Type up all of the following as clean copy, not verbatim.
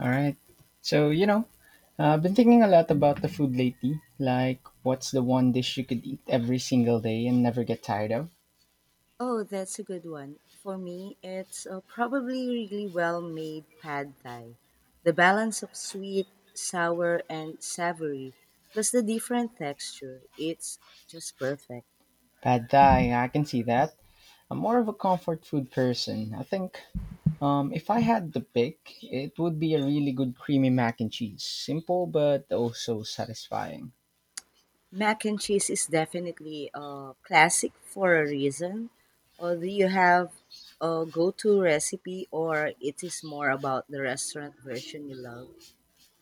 All right. So, you know, I've been thinking a lot about the food lately. Like, what's the one dish you could eat every single day and never get tired of? Oh, that's a good one. For me, it's probably really well made pad thai. The balance of sweet, sour, and savory, plus the different texture, it's just perfect. Pad Thai, I can see that. I'm more of a comfort food person. I think if I had the pick, it would be a really good creamy mac and cheese. Simple, but also satisfying. Mac and cheese is definitely a classic for a reason. Or do you have a go to recipe, or it is more about the restaurant version you love?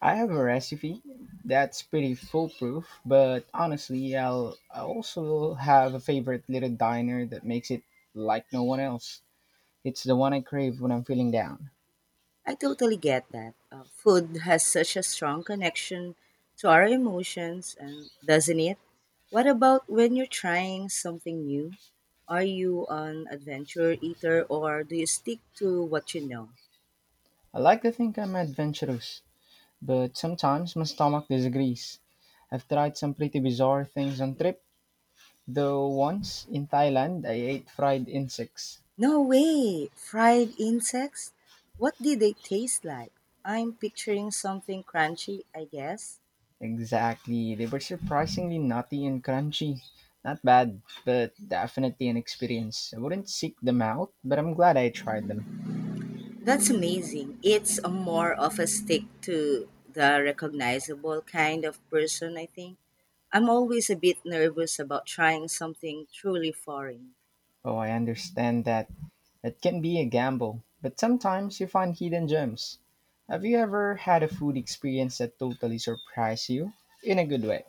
I have a recipe that's pretty foolproof, but honestly, I also have a favorite little diner that makes it like no one else. It's the one I crave when I'm feeling down. I totally get that. Food has such a strong connection to our emotions, and doesn't it? What about when you're trying something new? Are you an adventure eater or do you stick to what you know? I like to think I'm adventurous, but sometimes my stomach disagrees. I've tried some pretty bizarre things on trip, though once in Thailand I ate fried insects. No way! Fried insects? What did they taste like? I'm picturing something crunchy, I guess. Exactly, they were surprisingly nutty and crunchy. Not bad, but definitely an experience. I wouldn't seek them out, but I'm glad I tried them. That's amazing. It's a more of a stick to the recognizable kind of person, I think. I'm always a bit nervous about trying something truly foreign. Oh, I understand that. It can be a gamble, but sometimes you find hidden gems. Have you ever had a food experience that totally surprised you? In a good way.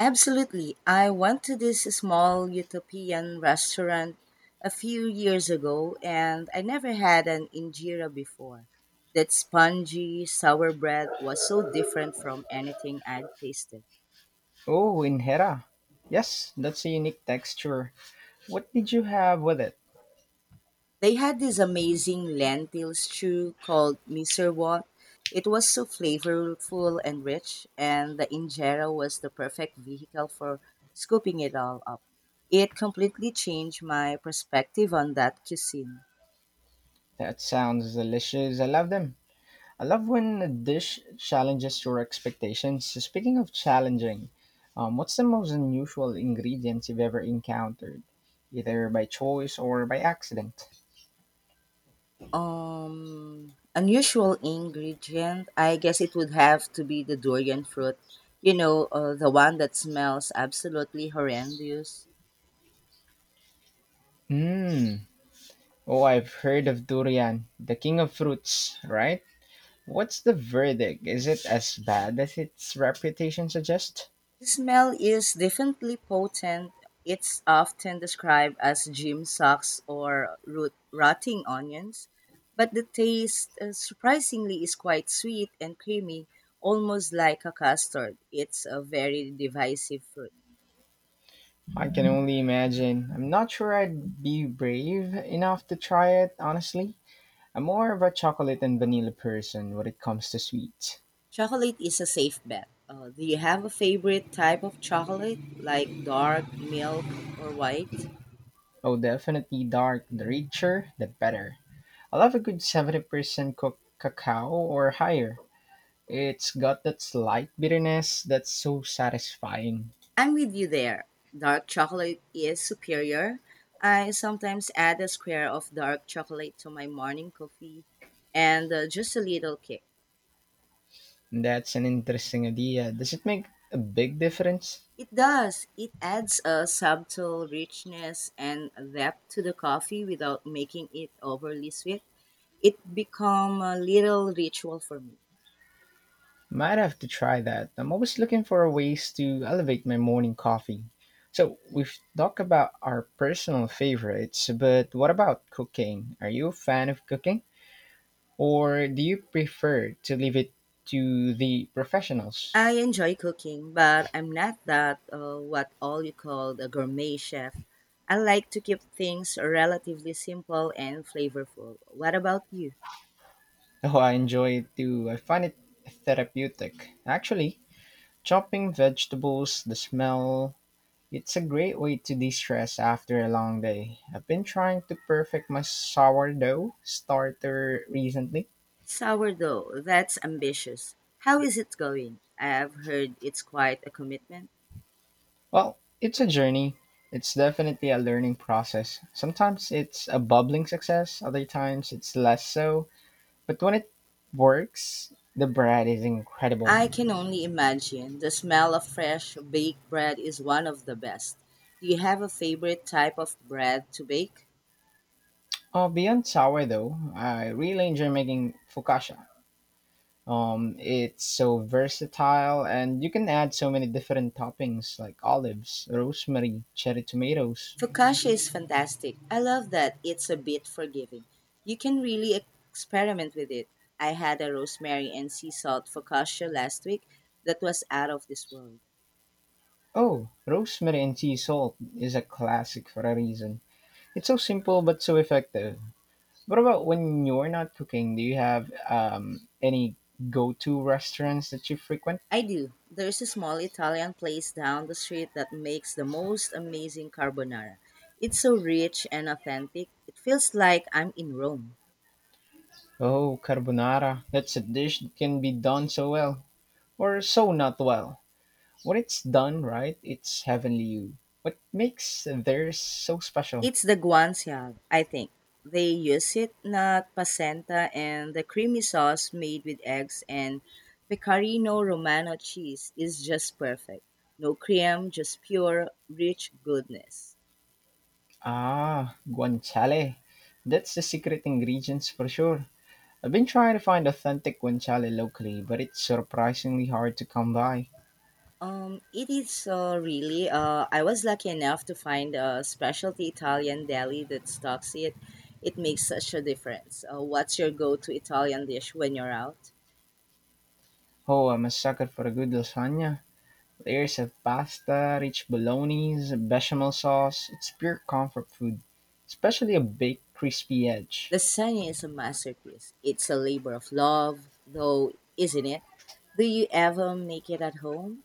Absolutely. I went to this small utopian restaurant a few years ago and I never had an injera before. That spongy sour bread was so different from anything I'd tasted. Oh, in Hera. Yes, that's a unique texture. What did you have with it? They had this amazing lentil stew called miserwort. It was so flavorful and rich, and the injera was the perfect vehicle for scooping it all up. It completely changed my perspective on that cuisine. That sounds delicious. I love them. I love when a dish challenges your expectations. So, speaking of challenging, what's the most unusual ingredients you've ever encountered, either by choice or by accident? Unusual ingredient, I guess it would have to be the durian fruit. The one that smells absolutely horrendous. Hmm. Oh, I've heard of durian, the king of fruits, right? What's the verdict? Is it as bad as its reputation suggests? The smell is definitely potent. It's often described as gym socks or root, rotting onions, but the taste surprisingly is quite sweet and creamy, almost like a custard. It's a very divisive fruit. I can only imagine. I'm not sure I'd be brave enough to try it, honestly. I'm more of a chocolate and vanilla person when it comes to sweets. Chocolate is a safe bet. Do you have a favorite type of chocolate, like dark, milk, or white? Oh, definitely dark. The richer, the better. I love a good 70% cacao or higher. It's got that slight bitterness that's so satisfying. I'm with you there. Dark chocolate is superior. I sometimes add a square of dark chocolate to my morning coffee and just a little kick. That's an interesting idea. Does it make a big difference? It does. It adds a subtle richness and depth to the coffee without making it overly sweet. It become a little ritual for me. Might have to try that. I'm always looking for ways to elevate my morning coffee. So, we've talked about our personal favorites, but what about cooking? Are you a fan of cooking? Or do you prefer to leave it to the professionals? I enjoy cooking, but I'm not that what all you call a gourmet chef. I like to keep things relatively simple and flavorful. What about you? Oh, I enjoy it too. I find it therapeutic. Actually, chopping vegetables, the smell, it's a great way to de-stress after a long day. I've been trying to perfect my sourdough starter recently. Sourdough, that's ambitious. How is it going? I've heard it's quite a commitment. Well, it's a journey. It's definitely a learning process. Sometimes it's a bubbling success, other times it's less so. But when it works, the bread is incredible. I can only imagine. The smell of fresh baked bread is one of the best. Do you have a favorite type of bread to bake? Beyond sourdough, I really enjoy making focaccia. It's so versatile, and you can add so many different toppings like olives, rosemary, cherry tomatoes. Focaccia is fantastic. I love that it's a bit forgiving. You can really experiment with it. I had a rosemary and sea salt focaccia last week that was out of this world. Oh, rosemary and sea salt is a classic for a reason. It's so simple but so effective. What about when you're not cooking? Do you have any go to restaurants that you frequent? I do. There's a small Italian place down the street that makes the most amazing carbonara. It's so rich and authentic. It feels like I'm in Rome. Oh, carbonara. That's a dish that can be done so well, or so not well. When it's done right, it's heavenly. What makes theirs so special? It's the guanciale, I think. They use it not placenta and the creamy sauce made with eggs and pecorino romano cheese is just perfect. No cream, just pure rich goodness. Ah, guanciale. That's the secret ingredients for sure. I've been trying to find authentic guanciale locally, but it's surprisingly hard to come by. It is really. I was lucky enough to find a specialty Italian deli that stocks it. It makes such a difference. What's your go-to Italian dish when you're out? Oh, I'm a sucker for a good lasagna. Layers of pasta, rich bolognese, bechamel sauce. It's pure comfort food, especially a baked crispy edge. Lasagna is a masterpiece. It's a labor of love, though, isn't it? Do you ever make it at home?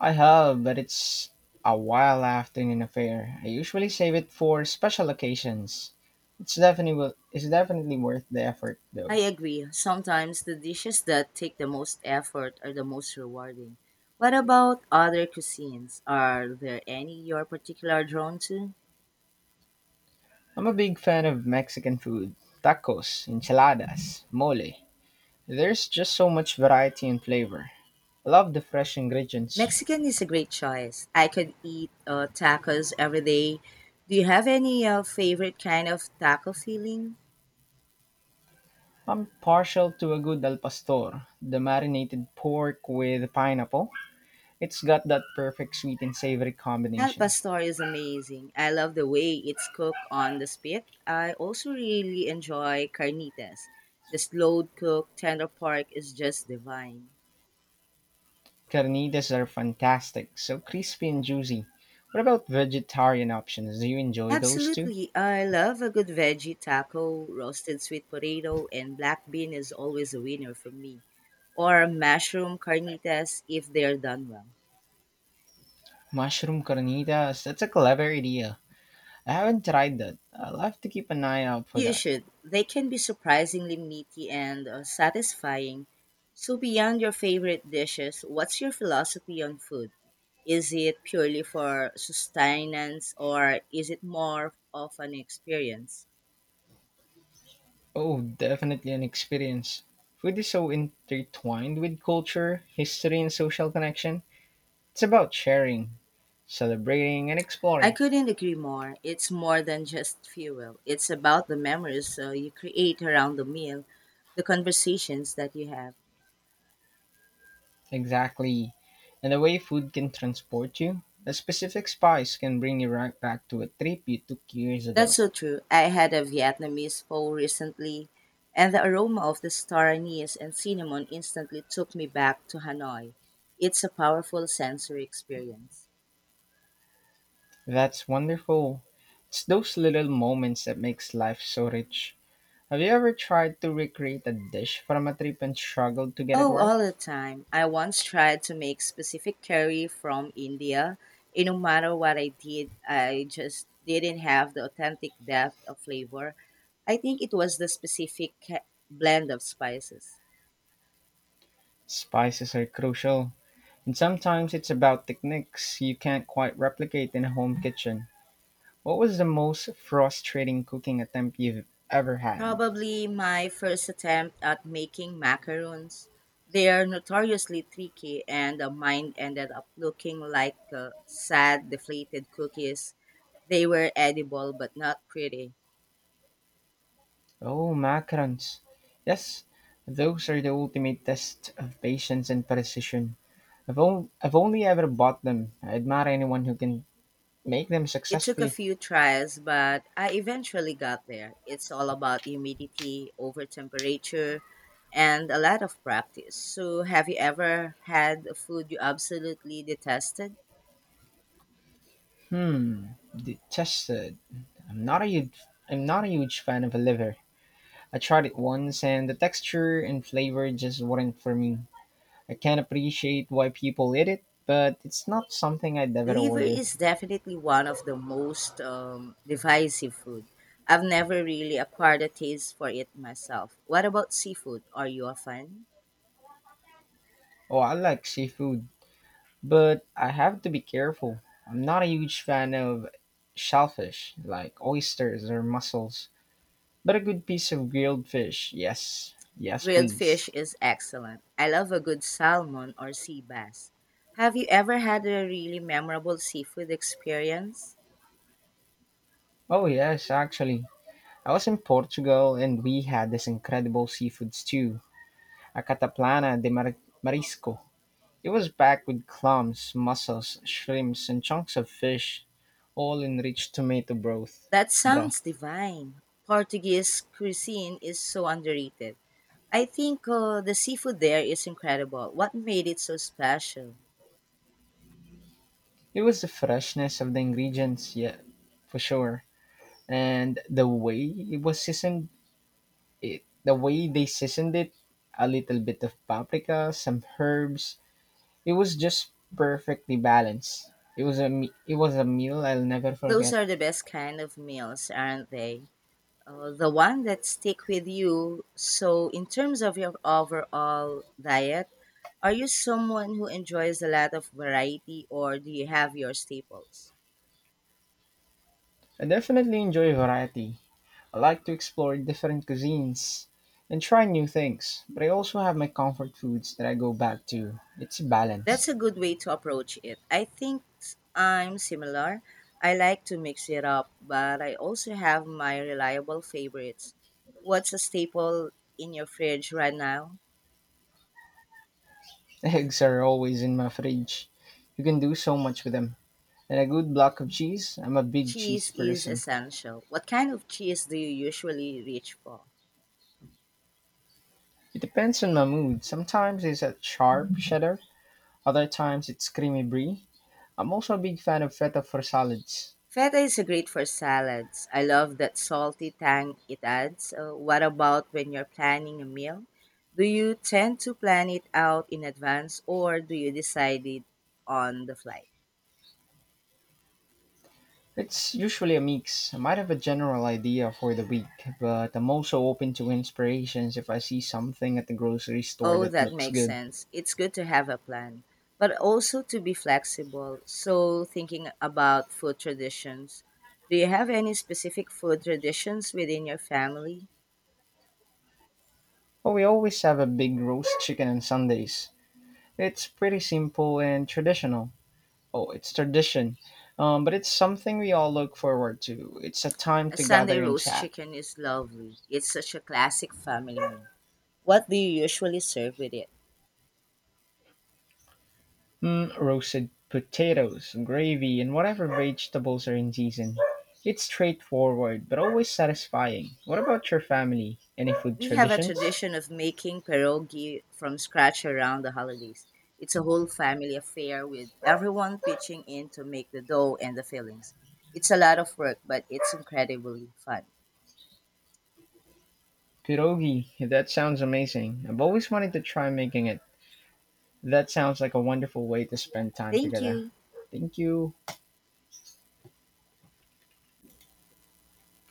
I have, but it's a wild afternoon affair. I usually save it for special occasions. It's definitely worth the effort I though. agree. Sometimes the dishes that take the most effort are the most rewarding. What about other cuisines? Are there any you're particularly drawn to? I'm a big fan of Mexican food, tacos, enchiladas, mole. There's just so much variety and flavor. I love the fresh ingredients. Mexican is a great choice. I could eat tacos every day. Do you have any favorite kind of taco feeling? I'm partial to a good al pastor, the marinated pork with pineapple. It's got that perfect sweet and savory Al combination. pastor is amazing. I love the way it's cooked on the spit. I also really enjoy carnitas. The slow cooked tender pork is just divine. Carnitas are fantastic, so crispy and juicy. What about vegetarian options? Do you enjoy those too? Absolutely. I love a good veggie taco, roasted sweet potato, and black bean is always a winner for me. Or mushroom carnitas if they're done well. Mushroom carnitas, that's a clever idea. I haven't tried that. I'll have to keep an eye out for You that. should. They can be surprisingly meaty and satisfying. So, beyond your favorite dishes, what's your philosophy on food? Is it purely for sustenance or is it more of an experience? Oh, definitely an experience. Food is so intertwined with culture, history, and social connection. It's about sharing, celebrating, and I exploring. couldn't agree more. It's more than just fuel, it's about the memories you create around the meal, the conversations that you have. Exactly. And the way food can transport you, a specific spice can bring you right back to a trip you took years That's ago. so true. I had a Vietnamese pho recently, and the aroma of the star anise and cinnamon instantly took me back to Hanoi. It's a powerful sensory experience. That's wonderful. It's those little moments that makes life so rich. Have you ever tried to recreate a dish from a trip and struggled to get it Oh, right? all the time. I once tried to make specific curry from India, and no matter what I did, I just didn't have the authentic depth of flavor. I think it was the specific blend of spices. Spices are crucial. And sometimes it's about techniques you can't quite replicate in a home kitchen. What was the most frustrating cooking attempt you've ever had? Probably my first attempt at making macaroons. They are notoriously tricky, and mine ended up looking like sad, deflated cookies. They were edible but not pretty. Oh, macarons. Yes, those are the ultimate test of patience and precision. I've only ever bought them. I admire anyone who can make them It took a successfully. few tries, but I eventually got there. It's all about humidity, over temperature, and a lot of practice. So, have you ever had a food you absolutely detested? Hmm, detested. I'm not a huge, I'm not a huge fan of a liver. I tried it once, and the texture and flavor just weren't for me. I can appreciate why people eat it, but it's not something I'd ever Liver order. is definitely one of the most divisive food. I've never really acquired a taste for it myself. What about seafood? Are you a fan? Oh, I like seafood, but I have to be careful. I'm not a huge fan of shellfish, like oysters or mussels, but a good piece of grilled fish, yes. Yes, Grilled fish please. is excellent. I love a good salmon or sea bass. Have you ever had a really memorable seafood experience? Oh, yes, actually. I was in Portugal and we had this incredible seafood stew, a marisco. It was packed with clams, mussels, shrimps, and chunks of fish, all in rich tomato broth. That sounds Broth. divine. Portuguese cuisine is so underrated. I think the seafood there is incredible. What made it so special? It was the freshness of the ingredients, yeah, for sure, and the way it was seasoned. It the way they seasoned it, a little bit of paprika, some herbs. It was just perfectly balanced. It was a meal I'll never Those forget. are the best kind of meals, aren't they? The one that stick with you. So, in terms of your overall diet, are you someone who enjoys a lot of variety or do you have your staples? I definitely enjoy variety, I like to explore different cuisines and try new things, but I also have my comfort foods that I go back to. It's a balance. That's a good way to approach it. I think I'm similar. I like to mix it up, but I also have my reliable favorites. What's a staple in your fridge right now? Eggs are always in my fridge. You can do so much with them. And a good block of cheese, I'm a big cheese Cheese is person. essential. What kind of cheese do you usually reach for? It depends on my mood. Sometimes it's a sharp cheddar, other times it's creamy brie. I'm also a big fan of feta for salads. Feta is great for salads. I love that salty tang it adds. What about when you're planning a meal? Do you tend to plan it out in advance or do you decide it on the fly? It's usually a mix. I might have a general idea for the week, but I'm also open to inspirations if I see something at the grocery store Oh, that that looks makes good. sense. It's good to have a plan, but also to be flexible. So, thinking about food traditions, do you have any specific food traditions within your family? Oh, we always have a big roast chicken on Sundays. It's pretty simple and traditional. Oh, it's tradition. But it's something we all look forward to. It's a time A to Sunday gather and roast chat. chicken is lovely. It's such a classic family meal. What do you usually serve with it? Mm, roasted potatoes, gravy, and whatever vegetables are in season. It's straightforward, but always satisfying. What about your family? Any food We have a traditions? tradition of making pierogi from scratch around the holidays. It's a whole family affair with everyone pitching in to make the dough and the fillings. It's a lot of work, but it's incredibly fun. Pierogi, that sounds amazing. I've always wanted to try making it. That sounds like a wonderful way to spend time Thank together. you. Thank you.